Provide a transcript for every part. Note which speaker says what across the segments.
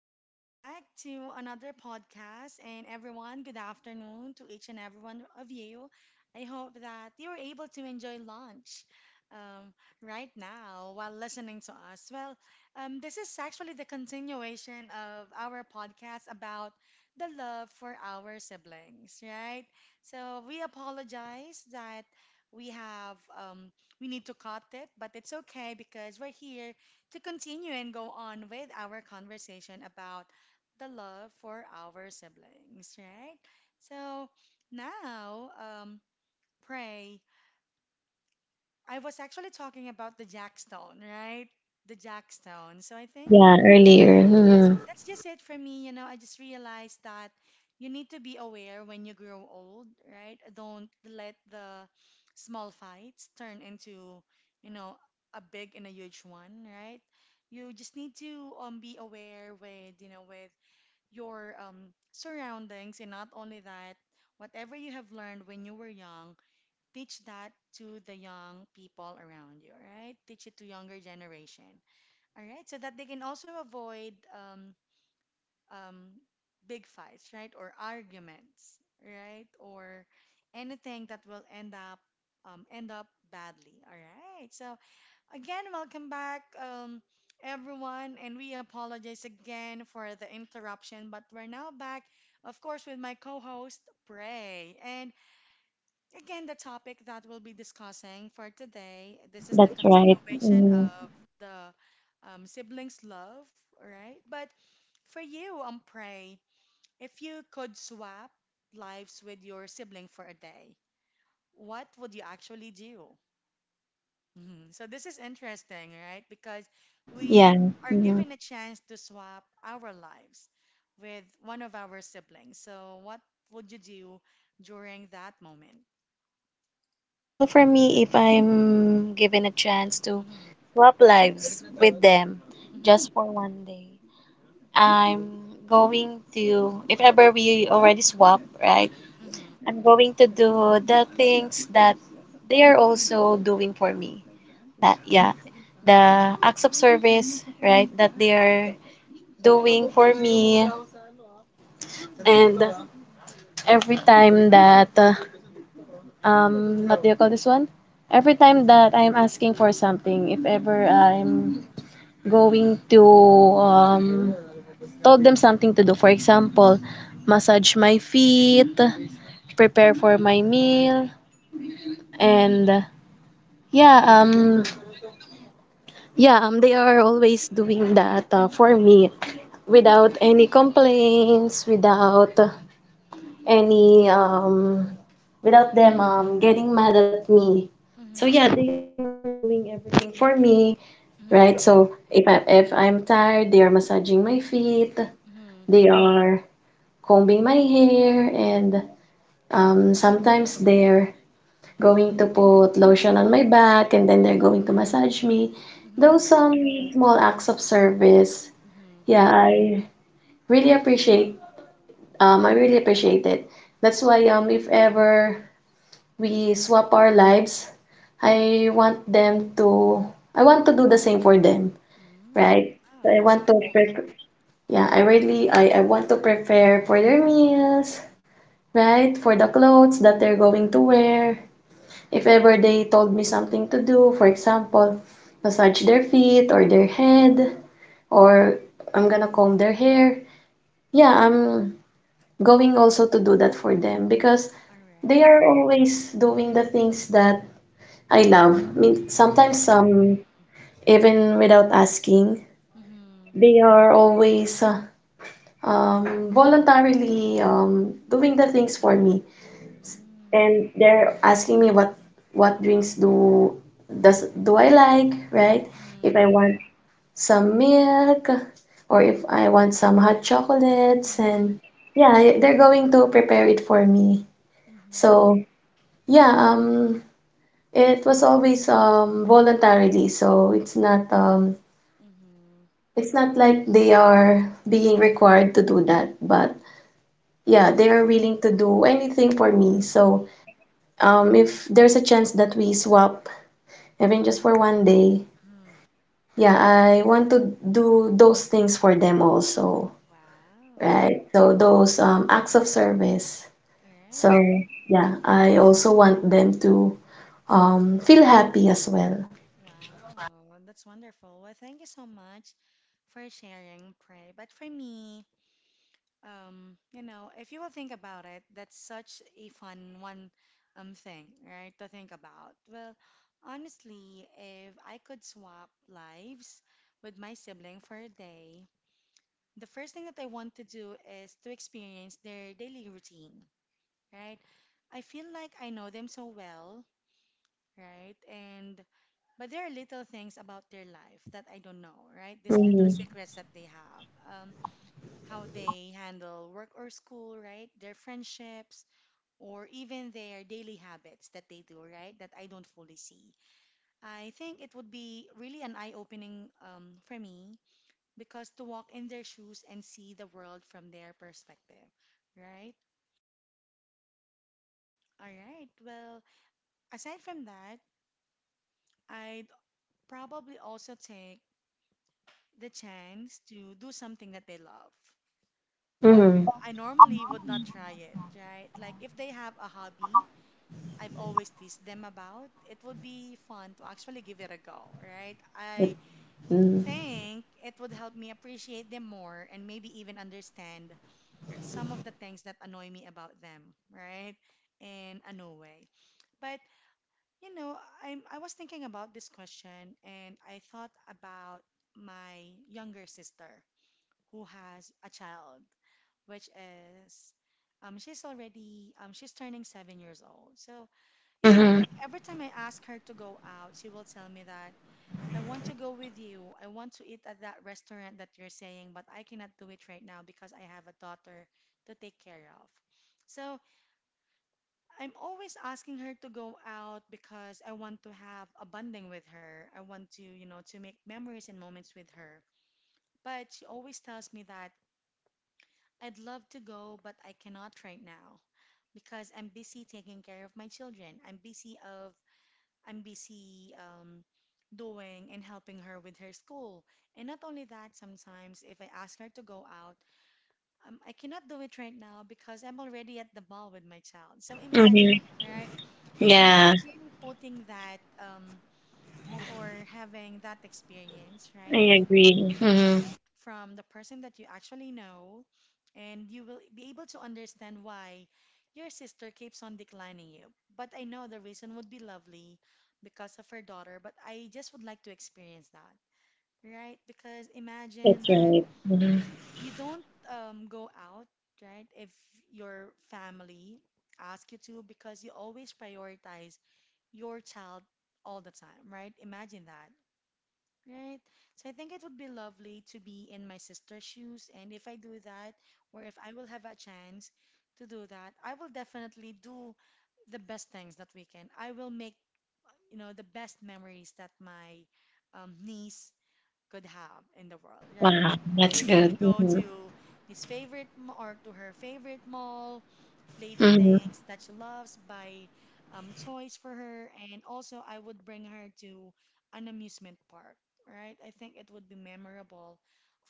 Speaker 1: Welcome back to another podcast. And everyone, good afternoon to each and every one of you. I hope that you were able to enjoy lunch um, right now while listening to us. Well, this is actually the continuation of our podcast about the love for our siblings, right? So we apologize that we have um, we need to cut it, but it's okay because we're here to continue and go on with our conversation about the love for our siblings, right? So now, pray. I was actually talking about the jackstone, right? The jackstone. So I think
Speaker 2: Yeah, earlier.
Speaker 1: yes,
Speaker 2: Mhm.
Speaker 1: that's just it for me. You know, I just realized that you need to be aware when you grow old, right? Don't let the small fights turn into, you know, a big and a huge one, right? You just need to be aware with, with your surroundings, and not only that, whatever you have learned when you were young, teach that to the young people around you, right? Teach it to younger generation. All right, so that they can also avoid um, big fights, right? Or arguments, right? Or anything that will end up badly. All right. So again, welcome back, everyone, and we apologize again for the interruption, but we're now back, of course, with my co-host Prey. And again, the topic that we'll be discussing for today, this is the
Speaker 2: That's right.
Speaker 1: continuation
Speaker 2: Hmm.
Speaker 1: of the siblings love, all right? But for you, Prey, if you could swap lives with your sibling for a day, what would you actually do? Mhm. So this is interesting, right? Because we
Speaker 2: Yeah.
Speaker 1: are
Speaker 2: Hmm.
Speaker 1: given a chance to swap our lives with one of our siblings. So what would you do during that moment?
Speaker 2: Yeah, well, for me, if I'm given a chance to
Speaker 1: Mm-hmm.
Speaker 2: swap lives with them
Speaker 1: Mm-hmm.
Speaker 2: just for one day, if ever we already swap, right?
Speaker 1: Mm-hmm.
Speaker 2: I'm going to do the things that they are also doing for me. That, yeah, the acts of service, right, that they are doing for me. And every time that What do you call this one? Every time that I'm asking for something, if ever I'm going to um told them something to do. For example, massage my feet, prepare for my meal, and yeah, um yeah, they are always doing that for me without any complaints, any um without them getting mad at me. So yeah,
Speaker 1: Mm-hmm.
Speaker 2: they are doing everything for me, right?
Speaker 1: Mm-hmm.
Speaker 2: So if I'm tired, they are massaging my feet,
Speaker 1: Mm-hmm.
Speaker 2: they are combing my hair, and sometimes they're going to put lotion on my back and then they're going to massage me.
Speaker 1: Mm-hmm.
Speaker 2: Those small acts of service,
Speaker 1: Mm-hmm.
Speaker 2: yeah, really appreciate I really appreciate it. That's why if ever we swap our lives. I want them to, I want to do the same for them,
Speaker 1: Mm.
Speaker 2: right? So
Speaker 1: Wow,
Speaker 2: I
Speaker 1: that's
Speaker 2: want to
Speaker 1: cool.
Speaker 2: prepare, yeah, I want to prepare for their meals, right? For the clothes that they're going to wear. If ever they told me something to do, for example, massage their feet or their head, or I'm gonna comb their hair. Yeah, I'm going also to do that for them because
Speaker 1: All
Speaker 2: they
Speaker 1: right.
Speaker 2: are always doing the things that I love. I mean, sometimes
Speaker 1: Mm-hmm.
Speaker 2: even without asking,
Speaker 1: Mm-hmm.
Speaker 2: they are always voluntarily doing the things for me,
Speaker 1: Mm.
Speaker 2: and they're asking me what drinks do I like, right? If I
Speaker 1: Mhm.
Speaker 2: want some milk, or if I want some hot chocolates, and
Speaker 1: Mhm.
Speaker 2: yeah, they're going to prepare it for me.
Speaker 1: Mhm.
Speaker 2: So yeah, it was always voluntarily, so
Speaker 1: Mhm.
Speaker 2: it's not like they are being required to do that, but yeah, they are willing to do anything for me. So,
Speaker 1: Mhm.
Speaker 2: if there's a chance that we swap, even just for one day,
Speaker 1: Mhm.
Speaker 2: yeah, I want to do those things for them also,
Speaker 1: Wow.
Speaker 2: right? So those acts of service.
Speaker 1: All
Speaker 2: So
Speaker 1: right.
Speaker 2: yeah, I also want them to feel happy as well.
Speaker 1: Wow. That's wonderful. Well, thank you so much for sharing, Pray. But for me, you know, if you will think about it, that's such a fun one thing, right, to think about. Well, honestly, if I could swap lives with my sibling for a day, the first thing that I want to do is to experience their daily routine, right? I feel like I know them so well, right? And but there are little things about their life that I don't know, right? These little
Speaker 2: Mm-hmm.
Speaker 1: secrets that they have, um, how they handle work or school, right? Their friendships, or even their daily habits that they do, right? That I don't fully see. I think it would be really an eye-opening for me, because to walk in their shoes and see the world from their perspective, right? All right. Well, aside from that, I'd probably also take the chance to do something that they love. But
Speaker 2: Mm-hmm.
Speaker 1: I normally would not try it, right? Like if they have a hobby I've always teased them about, it would be fun to actually give it a go, right? I
Speaker 2: Mm-hmm.
Speaker 1: think it would help me appreciate them more and maybe even understand some of the things that annoy me about them, right? In a new way. But you know, I was thinking about this question and I thought about my younger sister who has a child, which is she's already she's turning 7 years old. So, you know,
Speaker 2: Mm-hmm.
Speaker 1: every time I ask her to go out, she will tell me that I want to go with you. I want to eat at that restaurant that you're saying, but I cannot do it right now because I have a daughter to take care of. So, I'm always asking her to go out because I want to have a bonding with her. I want to, you know, to make memories and moments with her. But she always tells me that I'd love to go, but I cannot right now because I'm busy taking care of my children. I'm busy doing and helping her with her school. And not only that, sometimes if I ask her to go out, I cannot do it right now because I'm already at the mall with my child. So imagine,
Speaker 2: Mm-hmm.
Speaker 1: right?
Speaker 2: Yeah,
Speaker 1: Imagine putting that or having that experience, right?
Speaker 2: I
Speaker 1: With
Speaker 2: agree. Mm-hmm.
Speaker 1: right from the person that you actually know, and you will be able to understand why your sister keeps on declining you. But I know the reason would be lovely because of her daughter, but I just would like to experience that, right? Because
Speaker 2: That's
Speaker 1: imagine that
Speaker 2: right.
Speaker 1: you don't go out, right? If your family ask you to, because you always prioritize your child all the time, right? Imagine that, right? So I think it would be lovely to be in my sister's shoes. And if I do that, or if I will have a chance to do that, I will definitely do the best things that we can. I will make, you know, the best memories that my niece could have in the world, right?
Speaker 2: Wow, that's
Speaker 1: We can
Speaker 2: good.
Speaker 1: go
Speaker 2: Mhm.
Speaker 1: to his favorite ma- or to her favorite mall, play the
Speaker 2: Mhm.
Speaker 1: things that she loves, buy toys for her, and also I would bring her to an amusement park, right? I think it would be memorable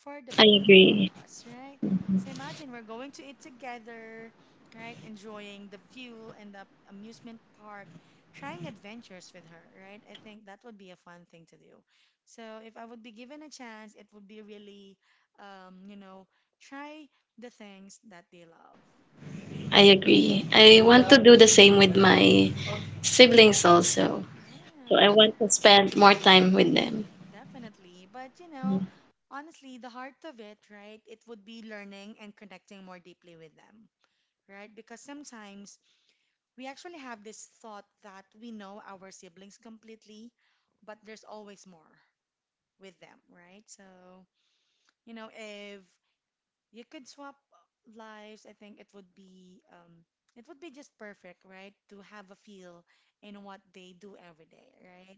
Speaker 1: for the
Speaker 2: I
Speaker 1: both of
Speaker 2: agree.
Speaker 1: us, right? So imagine we're going to eat together, right? Enjoying the view and the amusement park, trying adventures with her, right? I think that would be a fun thing to do. So if I would be given a chance, it would be really, you know, try the things that they love, right?
Speaker 2: I agree. I want to do the same with my siblings also. So I
Speaker 1: Right,
Speaker 2: want to spend more time with them.
Speaker 1: definitely. But you know, honestly, the heart of it, right, it would be learning and connecting more deeply with them, right? Because sometimes we actually have this thought that we know our siblings completely, but there's always more with them, right? So, you know, if you could swap lives, I think it would be just perfect, right? To have a feel in what they do every day, right?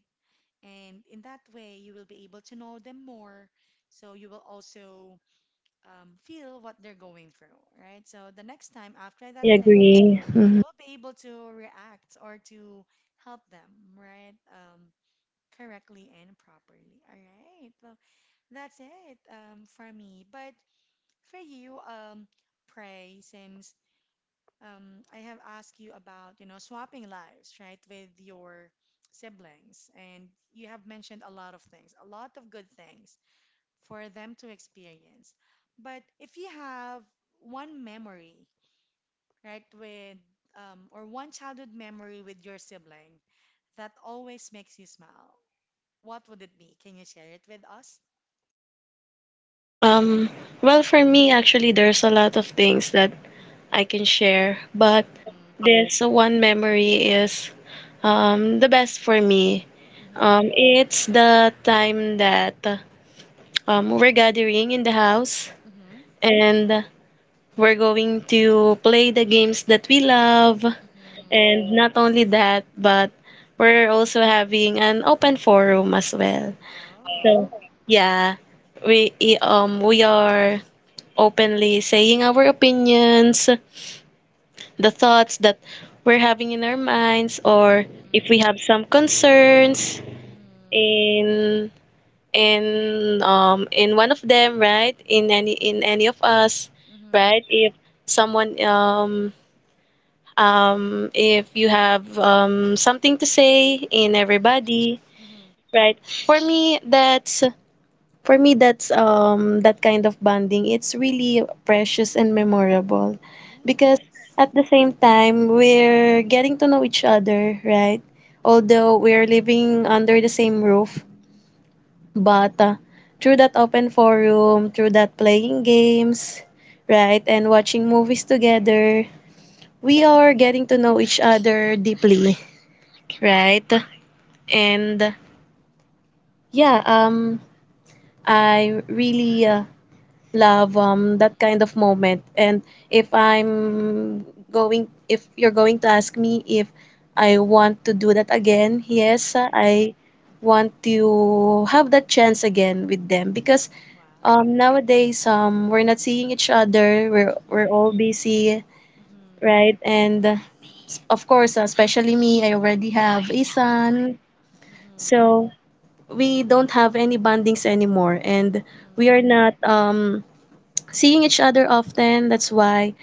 Speaker 1: And in that way, you will be able to know them more. So you will also feel what they're going through, right? So the next time after that
Speaker 2: I
Speaker 1: day,
Speaker 2: agree.
Speaker 1: then
Speaker 2: Mhm.
Speaker 1: you will be able to react or to help them, right? Correctly and properly. All right. Well, that's it for me. But for you, pray, since I have asked you about, you know, swapping lives, right, with your siblings. And you have mentioned a lot of things, a lot of good things for them to experience. But if you have one memory, right, with, or one childhood memory with your sibling that always makes you smile, what would it be? Can you share it with us?
Speaker 2: Um, well, for me, actually, there's a lot of things that I can share, but
Speaker 1: Mm-hmm,
Speaker 2: this one memory is the best for me.
Speaker 1: mm-hmm,
Speaker 2: It's the time that we're gathering in the house,
Speaker 1: mm-hmm,
Speaker 2: and we're going to play the games that we love.
Speaker 1: mm-hmm.
Speaker 2: And not only that, but we're also having an open forum as well. So,
Speaker 1: Oh.
Speaker 2: yeah, we we are openly saying our opinions, the thoughts that we're having in our minds, or if
Speaker 1: Mm-hmm,
Speaker 2: we have some concerns
Speaker 1: mm-hmm,
Speaker 2: in in one of them, right? In any of us,
Speaker 1: mm-hmm,
Speaker 2: right? Someone um if you have something to say in everybody,
Speaker 1: mm-hmm.
Speaker 2: right? For me, that's for me, that's that kind of bonding. It's really precious and memorable because
Speaker 1: Yes.
Speaker 2: at the same time we're getting to know each other, right? Although we're living under the same roof, but through that open forum, through that playing games, right, and watching movies together, we are getting to know each other deeply, right? And yeah, I really love that
Speaker 1: Mhm,
Speaker 2: kind of moment. And if I'm if you're going to ask me if I want to do that again,
Speaker 1: mhm,
Speaker 2: yes,
Speaker 1: mhm.
Speaker 2: I want to have that chance again with them because
Speaker 1: Wow.
Speaker 2: nowadays we're not seeing each other. We're
Speaker 1: Mhm,
Speaker 2: all busy,
Speaker 1: mhm,
Speaker 2: right? And of course, especially me, I already have a
Speaker 1: mhm,
Speaker 2: son,
Speaker 1: mhm,
Speaker 2: so we don't have any bondings anymore, and we are
Speaker 1: mhm,
Speaker 2: not seeing each other often. That's why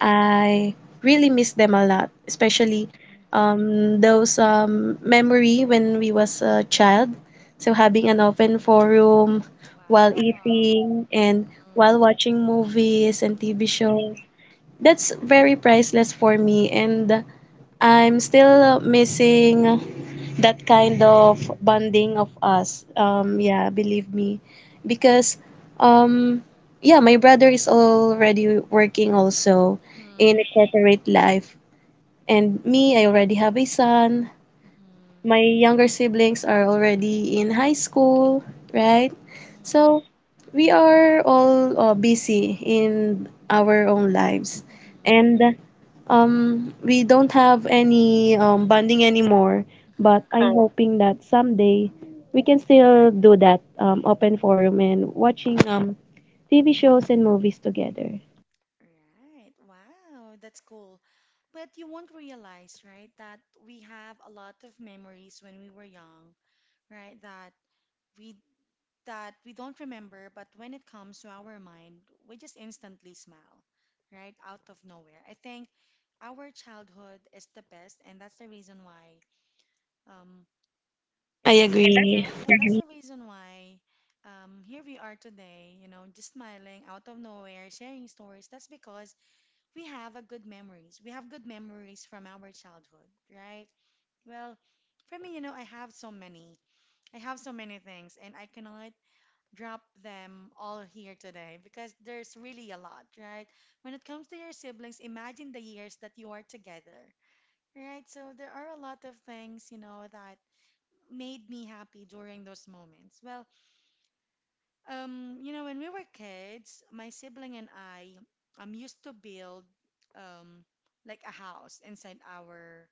Speaker 2: I really miss them a lot,
Speaker 1: mhm,
Speaker 2: especially
Speaker 1: mhm.
Speaker 2: those memory when we was a child. So having an open forum while
Speaker 1: Wow.
Speaker 2: eating
Speaker 1: Mhm,
Speaker 2: and
Speaker 1: mhm,
Speaker 2: while watching movies and TV
Speaker 1: mhm,
Speaker 2: shows. That's very priceless for me, and I'm still missing that kind of bonding of us.
Speaker 1: mhm,
Speaker 2: Yeah, believe me, because um, yeah, my brother is already working also in a corporate life, and me, I already have a son.
Speaker 1: mhm, mhm,
Speaker 2: My younger siblings are already in high school, right? So we are all busy in our own lives.
Speaker 1: mhm,
Speaker 2: And we don't have any bonding anymore, but
Speaker 1: huh.
Speaker 2: I'm hoping that someday we can still do that open forum and watching TV shows and movies together.
Speaker 1: Right. Wow, that's cool. But you won't realize, right, that we have a lot of memories when we were young, right? We that we don't remember, but when it comes to our mind, we just instantly smile, right? Out of nowhere. I think our childhood is the best, and that's the reason why, um,
Speaker 2: I
Speaker 1: and that's yes,
Speaker 2: agree.
Speaker 1: and that's the reason why, here we are today, you know, just smiling out of nowhere, sharing stories. That's because we have a good memories. We have good memories from our childhood, right? Well, for me, you know, I have so many. I have so many things, and I cannot drop them all here today because there's really a lot, right? When it comes to your siblings, imagine the years that you are together, right? So there are a lot of things, you know, that made me happy during those moments. Well, you know, when we were kids, my sibling and I used to build um like a house inside our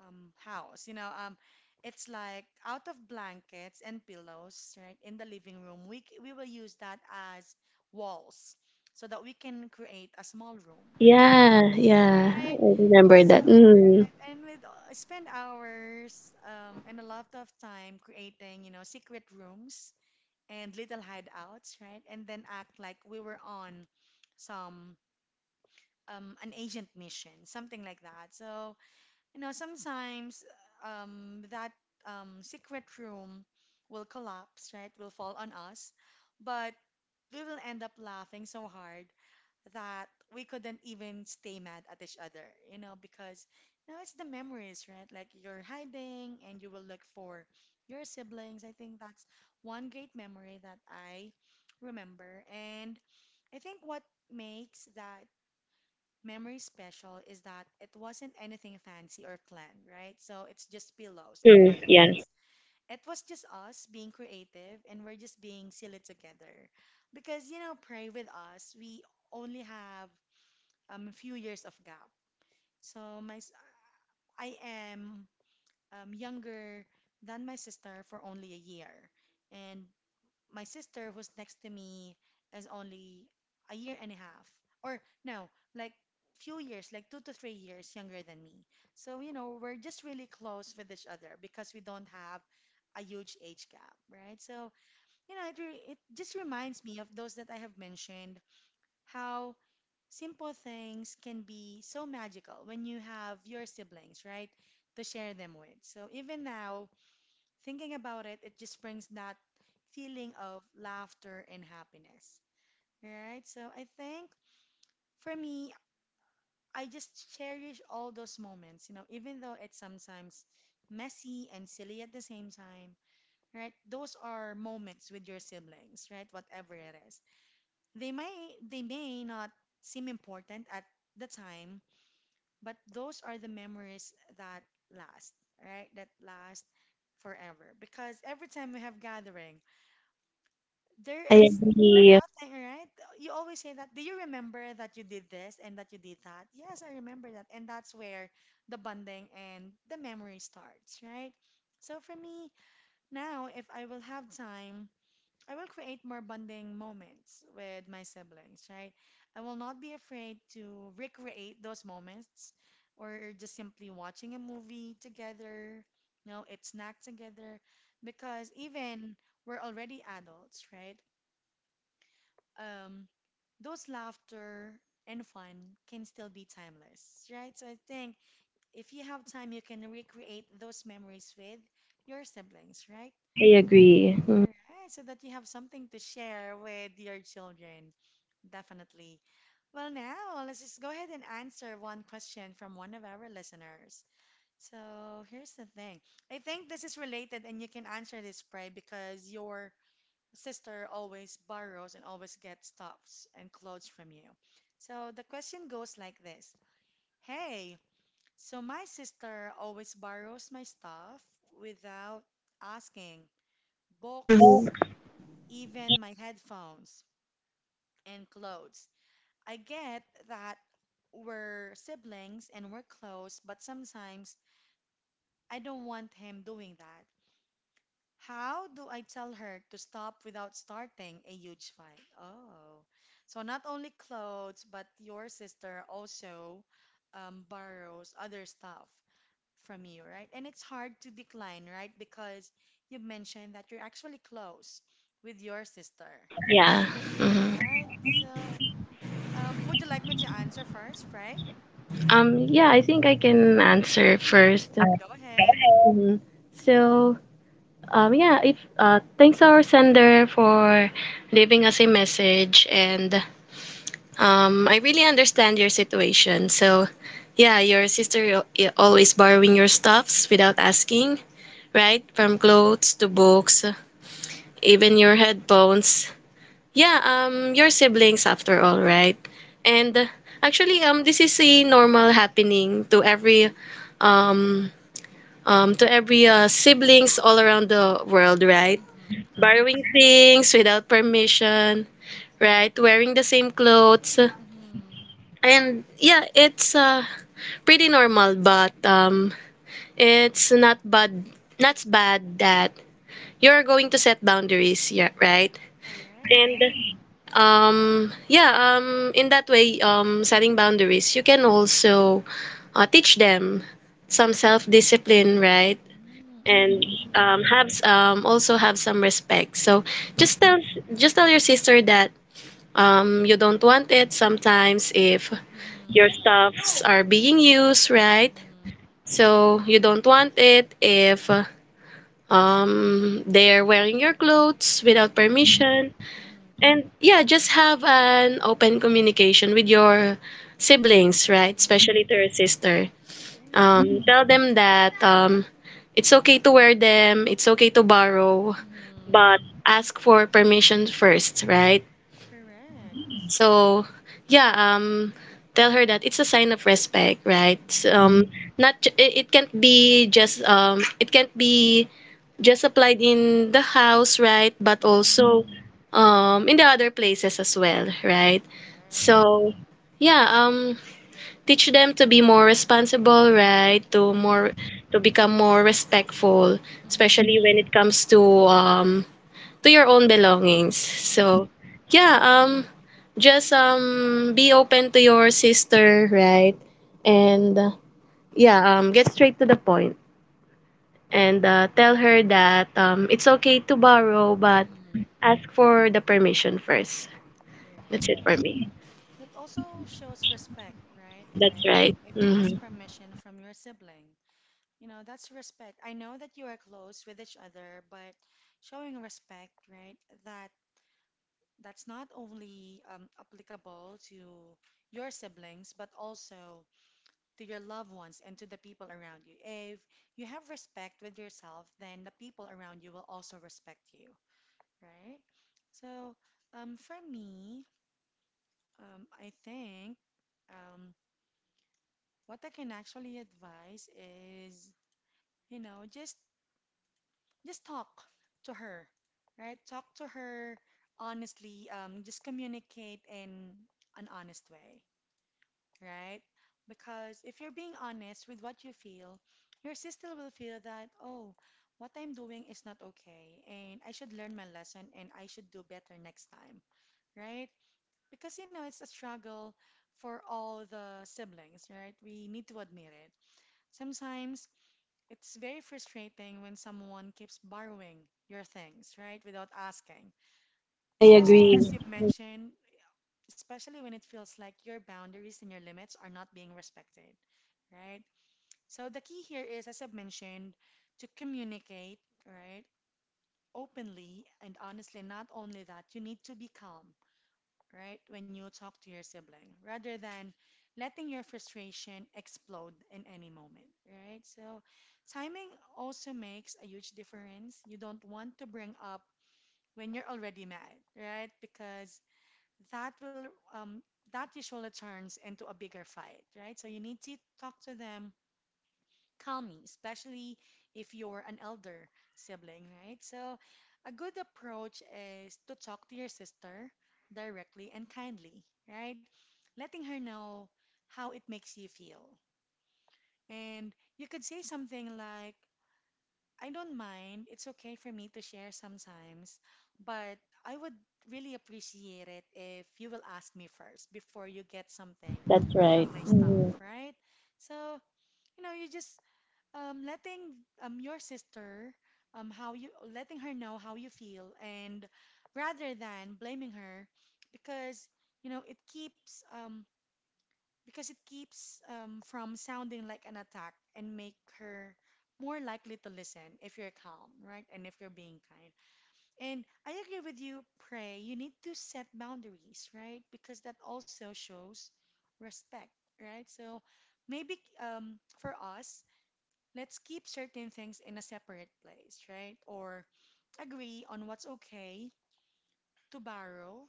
Speaker 1: house. You know, it's like out of blankets and pillows, right, in the living room, we will use that as walls so that we can create a small room, right?
Speaker 2: Yeah, yeah, I
Speaker 1: Right.
Speaker 2: remember
Speaker 1: So,
Speaker 2: that. Mm.
Speaker 1: right. And we spend hours and a lot of time creating, you know, secret rooms and little hideouts, right? And then act like we were on some an agent mission, something like that. So, you know, sometimes that secret room will collapse, right? Will fall on us, but we will end up laughing so hard that we couldn't even stay mad at each other, you know, because you know it's the memories, right? Like you're hiding and you will look for your siblings. I think that's one great memory that I remember. And I think what makes that memory special is that it wasn't anything fancy or planned, right? So it's just pillows and
Speaker 2: Mm-hmm. Yeah.
Speaker 1: blankets. It was just us being creative and we're just being silly together. Because, you know, pray with us, we only have a few years of gap. So my, s- I am younger than my sister for only a year. And my sister, who's next to me, is only a year and a half, or no, like few years, like 2 to 3 years younger than me. So, you know, we're just really close with each other because we don't have a huge age gap, right? So, you know, it just reminds me of those that I have mentioned, how simple things can be so magical when you have your siblings, right? To share them with. So even now, thinking about it, it just brings that feeling of laughter and happiness, right? So I think for me, I just cherish all those moments, you know, even though it's sometimes messy and silly at the same time, right? Those are moments with your siblings, right? Whatever it is. They may not seem important at the time, but those are the memories that last, right? That last forever because every time we have gathering
Speaker 2: I
Speaker 1: there is
Speaker 2: agree.
Speaker 1: nothing, right? You always say that. Do you remember that you did this and that you did that? Yes, I remember that. And that's where the bonding and the memory starts, right? So for me, now, if I will have time, I will create more bonding moments with my siblings, right? I will not be afraid to recreate those moments or just simply watching a movie together, no, eat snack together, because even we're already adults, right? um, those laughter and fun can still be timeless, right? So I think if you have time, you can recreate those memories with your siblings, right?
Speaker 2: I agree. Mm.
Speaker 1: All right, so that you have something to share with your children. Definitely. Well, now let's just go ahead and answer one question from one of our listeners. So here's the thing. I think this is related, and you can answer this, Pray, because your sister always borrows and always gets stuffs and clothes from you. So the question goes like this. Hey, so my sister always borrows my stuff without asking,
Speaker 2: Mhm.
Speaker 1: books, even my headphones and clothes. I get that we're siblings and we're close, but sometimes I don't want him doing that. How do I tell her to stop without starting a huge fight? Oh, so not only clothes, but your sister also borrows other stuff from you, right? And it's hard to decline, right? Because you mentioned that you're actually close with your sister,
Speaker 2: Yeah. Hmm.
Speaker 1: right? So, would you like me to answer first, Frey?
Speaker 2: Yeah, I think I can answer
Speaker 1: Uh,
Speaker 2: first.
Speaker 1: go ahead.
Speaker 2: Mhm. So, yeah, if thanks our sender for leaving us a message, and I really understand your situation. So, yeah, your sister always borrowing your stuffs without asking, right? From clothes to books, even your headphones. Yeah, your siblings after all, right? And actually, this is a normal happening to um, to every siblings all around the world, right?
Speaker 1: Mm-hmm,
Speaker 2: Borrowing
Speaker 1: correct.
Speaker 2: things without permission, right? Wearing the same clothes,
Speaker 1: Mm-hmm,
Speaker 2: and yeah, it's pretty normal, but it's not bad. Not bad that you're going to set boundaries, yeah, right?
Speaker 1: correct.
Speaker 2: Yeah, in that way, setting boundaries, you can also teach them some self-discipline, right?
Speaker 1: Mm, I
Speaker 2: And
Speaker 1: agree.
Speaker 2: also have some respect. So just
Speaker 1: Mm-hmm.
Speaker 2: tell just tell your sister that you don't want it sometimes if your
Speaker 1: Mhm.
Speaker 2: stuffs are being used, right?
Speaker 1: Mhm.
Speaker 2: So you don't want it if they're wearing your clothes without
Speaker 1: Mhm.
Speaker 2: permission.
Speaker 1: Mhm.
Speaker 2: And yeah, just have an open communication with your siblings, right? Especially
Speaker 1: Mhm.
Speaker 2: to your sister.
Speaker 1: Right.
Speaker 2: Tell them that it's okay to wear them, it's okay to borrow,
Speaker 1: Mhm.
Speaker 2: but ask for permission first, right?
Speaker 1: Correct.
Speaker 2: So yeah, tell her that it's a sign of respect, right?
Speaker 1: Mhm.
Speaker 2: Um, not ju- it can't be just it can't be just applied in the house, right? But
Speaker 1: Mhm.
Speaker 2: also in the other places as well, right?
Speaker 1: Correct.
Speaker 2: So yeah, teach them to be more responsible, right? To more
Speaker 1: Mhm.
Speaker 2: to become more respectful,
Speaker 1: Mhm.
Speaker 2: especially when it comes to um, to your own belongings. So
Speaker 1: Mhm.
Speaker 2: yeah, just be open to your sister, right? And yeah, get straight to the point, and tell her that it's okay to borrow, but
Speaker 1: Mhm.
Speaker 2: ask for the permission first. That's it
Speaker 1: Right.
Speaker 2: for me.
Speaker 1: That also shows respect, right?
Speaker 2: That's
Speaker 1: Pray.
Speaker 2: right.
Speaker 1: If you ask
Speaker 2: Hmm.
Speaker 1: permission from your sibling, you know, that's respect. I know that you are close with each other, but showing respect, right? That that's not only applicable to your siblings, but also to your loved ones and to the people around you. If you have respect with yourself, then the people around you will also respect you, right? So, for me, I think um, what I can actually advise is, you know, just talk to her, right? Talk to her honestly. Just communicate in an honest way, right? Because if you're being honest with what you feel, your sister will feel that, oh, what I'm doing is not okay, and I should learn my lesson and I should do better next time, right? Because, you know, it's a struggle for all the siblings, right? We need to admit it. Sometimes it's very frustrating when someone keeps borrowing your things, right? Without asking,
Speaker 2: I
Speaker 1: especially as
Speaker 2: agree.
Speaker 1: you've mentioned, especially when it feels like your boundaries and your limits are not being respected, right? So the key here is, as I've mentioned, to communicate, right, openly and honestly. Not only that, you need to be calm, right, when you talk to your sibling, rather than letting your frustration explode in any moment, right? So timing also makes a huge difference. You don't want to bring up when you're already mad, right? Because that will um, that usually turns into a bigger fight, right? So you need to talk to them calmly, especially if you're an elder sibling, right? So a good approach is to talk to your sister directly and kindly, right? Letting her know how it makes you feel. And you could say something like, I don't mind. It's okay for me to share sometimes, but I would really appreciate it if you will ask me first before you get something
Speaker 2: That's
Speaker 1: from
Speaker 2: right.
Speaker 1: my stuff,
Speaker 2: Hmm.
Speaker 1: right? So, you know, your sister, how you letting her know how you feel and rather than blaming her because you know it keeps um, because it keeps from sounding like an attack and make her more likely to listen if you're calm, right? And if you're being kind. And I agree with you, Pray. You need to set boundaries, right? Because that also shows respect, right? So maybe for us, let's keep certain things in a separate place, right? Or agree on what's okay to borrow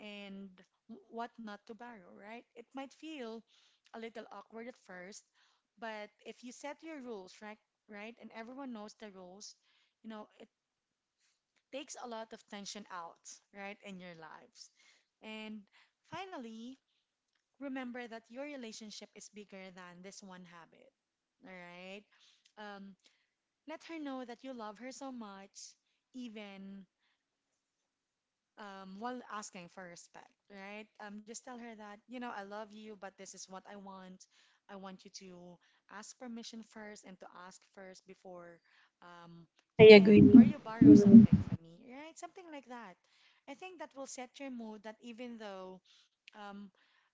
Speaker 1: and what not to borrow, right? It might feel a little awkward at first, but if you set your rules, right, and everyone knows the rules, you know, it takes a lot of tension out, right, in your lives. And finally, remember that your relationship is bigger than this one habit, all right? Um, Let her know that you love her so much, even while asking for respect, right? Just tell her that, you know, I love you, but this is what I want. I want you to ask permission first and to ask first before um,
Speaker 2: I
Speaker 1: you get or
Speaker 2: agree.
Speaker 1: you borrow
Speaker 2: Hmm.
Speaker 1: something from me, right? Something like that. I think that will set your mood that even though um,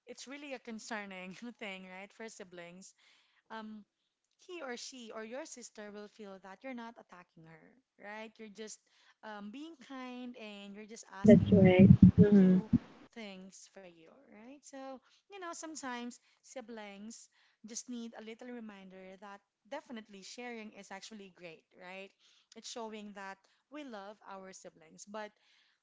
Speaker 1: it's really a concerning thing, right, for siblings, um, he or she or your sister will feel that you're not attacking her, right? You're just being kind and you're just
Speaker 2: That's
Speaker 1: asking her
Speaker 2: right.
Speaker 1: to
Speaker 2: Hmm.
Speaker 1: do things for you, right? So, you know, sometimes siblings just need a little reminder that definitely sharing is actually great, right? It's showing that we love our siblings, but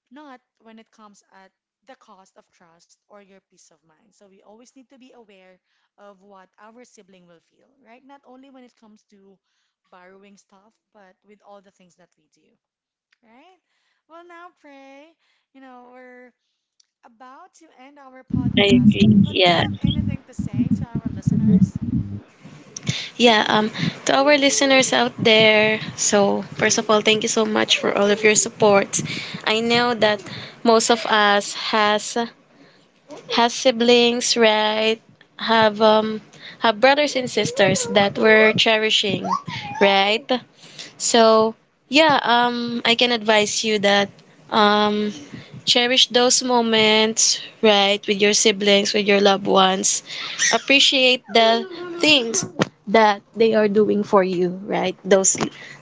Speaker 1: not when it comes at the cost of trust or your peace of mind. So we always need to be aware of what our sibling will feel, right? Not only when it comes to borrowing stuff, but with all the things that we do, right? Well, now, Pray, you know, we're about to end our
Speaker 2: I
Speaker 1: podcast,
Speaker 2: agree.
Speaker 1: but do you
Speaker 2: Yeah.
Speaker 1: have anything to say to our listeners?
Speaker 2: Yeah, to our listeners out there, so first of all, thank you so much for all of your support. I know that most of us has have siblings, right? Have um have brothers and sisters that we're cherishing, right? So yeah, I can advise you that um cherish those moments, right, with your siblings, with your loved ones. Appreciate the things that they are doing for you, right? Those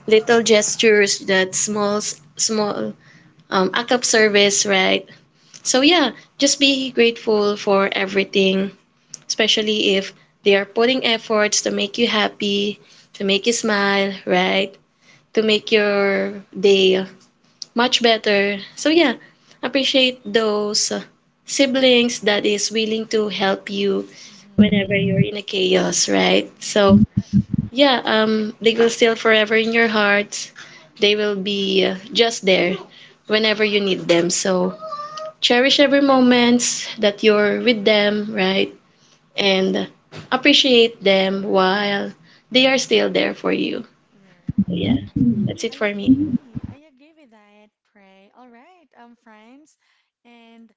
Speaker 2: little gestures, that small act of service, right? So yeah, just be grateful for everything, especially if they are putting efforts to make you happy, to make you smile, right? To make your day much better. So yeah, appreciate those siblings that is willing to help you whenever
Speaker 1: Mm-hmm.
Speaker 2: you're in a chaos, right? So
Speaker 1: Correct.
Speaker 2: yeah, they will still forever in your hearts. They will be just there whenever you need them. So cherish every moments that you're with them, right? And appreciate them while they are still there for you. So yeah,
Speaker 1: Right.
Speaker 2: that's it
Speaker 1: I
Speaker 2: for me.
Speaker 1: agree. I agree with that, Pray. All right, friends. And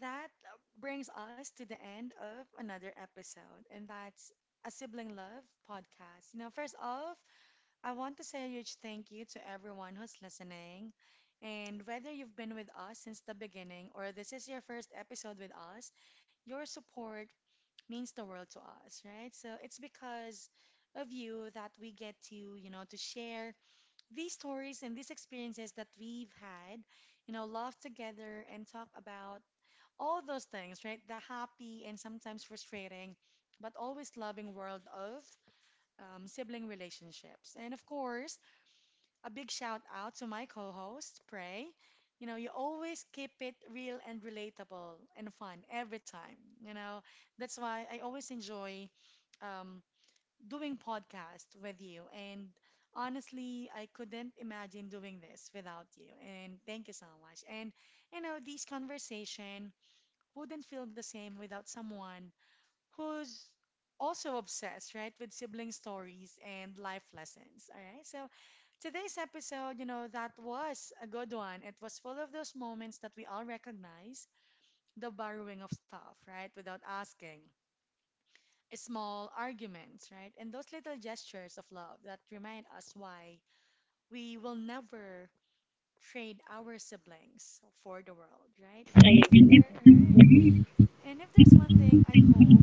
Speaker 1: that brings us to the end of another episode, and that's a Sibling Love podcast. You know, first off, I want to say a huge thank you to everyone who's listening. And whether you've been with us since the beginning or this is your first episode with us, your support means the world to us, right? So it's because of you that we get to, you know, to share these stories and these experiences that we've had, you know, laugh together and talk about all those things, right? The happy and sometimes frustrating, but always loving world of sibling relationships. And of course, a big shout out to my co host, Prey. You know, you always keep it real and relatable and fun every time. You know, that's why I always enjoy um, doing podcast with you. And honestly, I couldn't imagine doing this without you. And thank you so much. And you know, this conversation wouldn't feel the same without someone who's also obsessed, right, with sibling stories and life lessons. All right. So today's episode, you know, that was a good one. It was full of those moments that we all recognize, the borrowing of stuff, right, without asking, small arguments, right? And those little gestures of love that remind us why we will never trade our siblings for the world, right? And if there, right? And if there's one thing I hope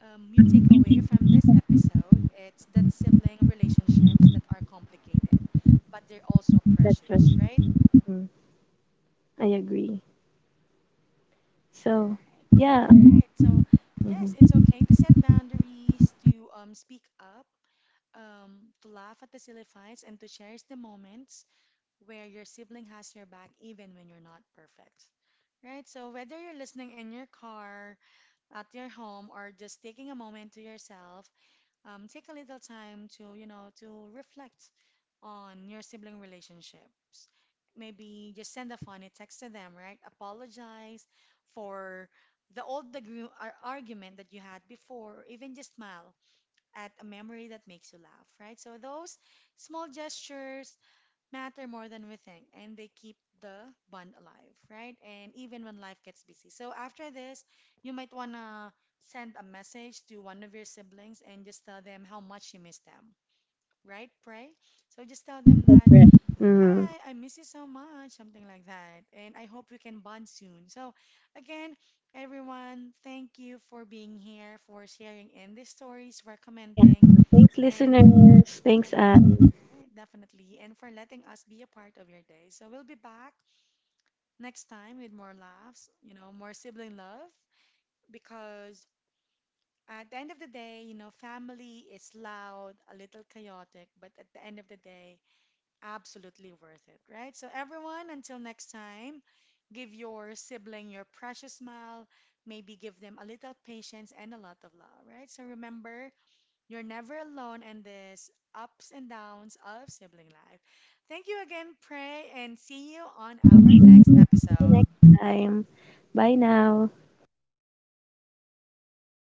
Speaker 1: you take away from this episode, it's that sibling relationships that are complicated, but they're also
Speaker 2: That's
Speaker 1: precious,
Speaker 2: right.
Speaker 1: right?
Speaker 2: So,
Speaker 1: Right. Hmm,
Speaker 2: yeah,
Speaker 1: right. So yes, it's okay to set boundaries, to speak up, to laugh at the silly fights and to cherish the moments where your sibling has your back even when you're not perfect. Right? So, whether you're listening in your car, at your home, or just taking a moment to yourself, take a little time to, you know, to reflect on your sibling relationships. Maybe just send a funny text to them, right? Apologize for the old argument that you had before, or even just smile at a memory that makes you laugh, right? So those small gestures matter more than we think, and they keep the bond alive, right? And even when life gets busy. So after this, you might wanna send a message to one of your siblings and just tell them how much you miss them, right? Pray. So just tell them that, "Hi, I miss you so much," something like that, and I hope we can bond soon. So again, everyone, thank you for being here, for sharing in these stories, for commenting and
Speaker 2: listeners,
Speaker 1: all
Speaker 2: thanks,
Speaker 1: right, all right, definitely. And for letting us be a part of your day. So we'll be back next time with more laughs, you know, more sibling love. Because at the end of the day, you know, family is loud, a little chaotic, but at the end of the day, absolutely worth it, right? So everyone, until next time, give your sibling your precious smile. Maybe give them a little patience and a lot of love, right? So remember, you're never alone in this ups and downs of sibling life. Thank you again, Prey, and see you on our next episode.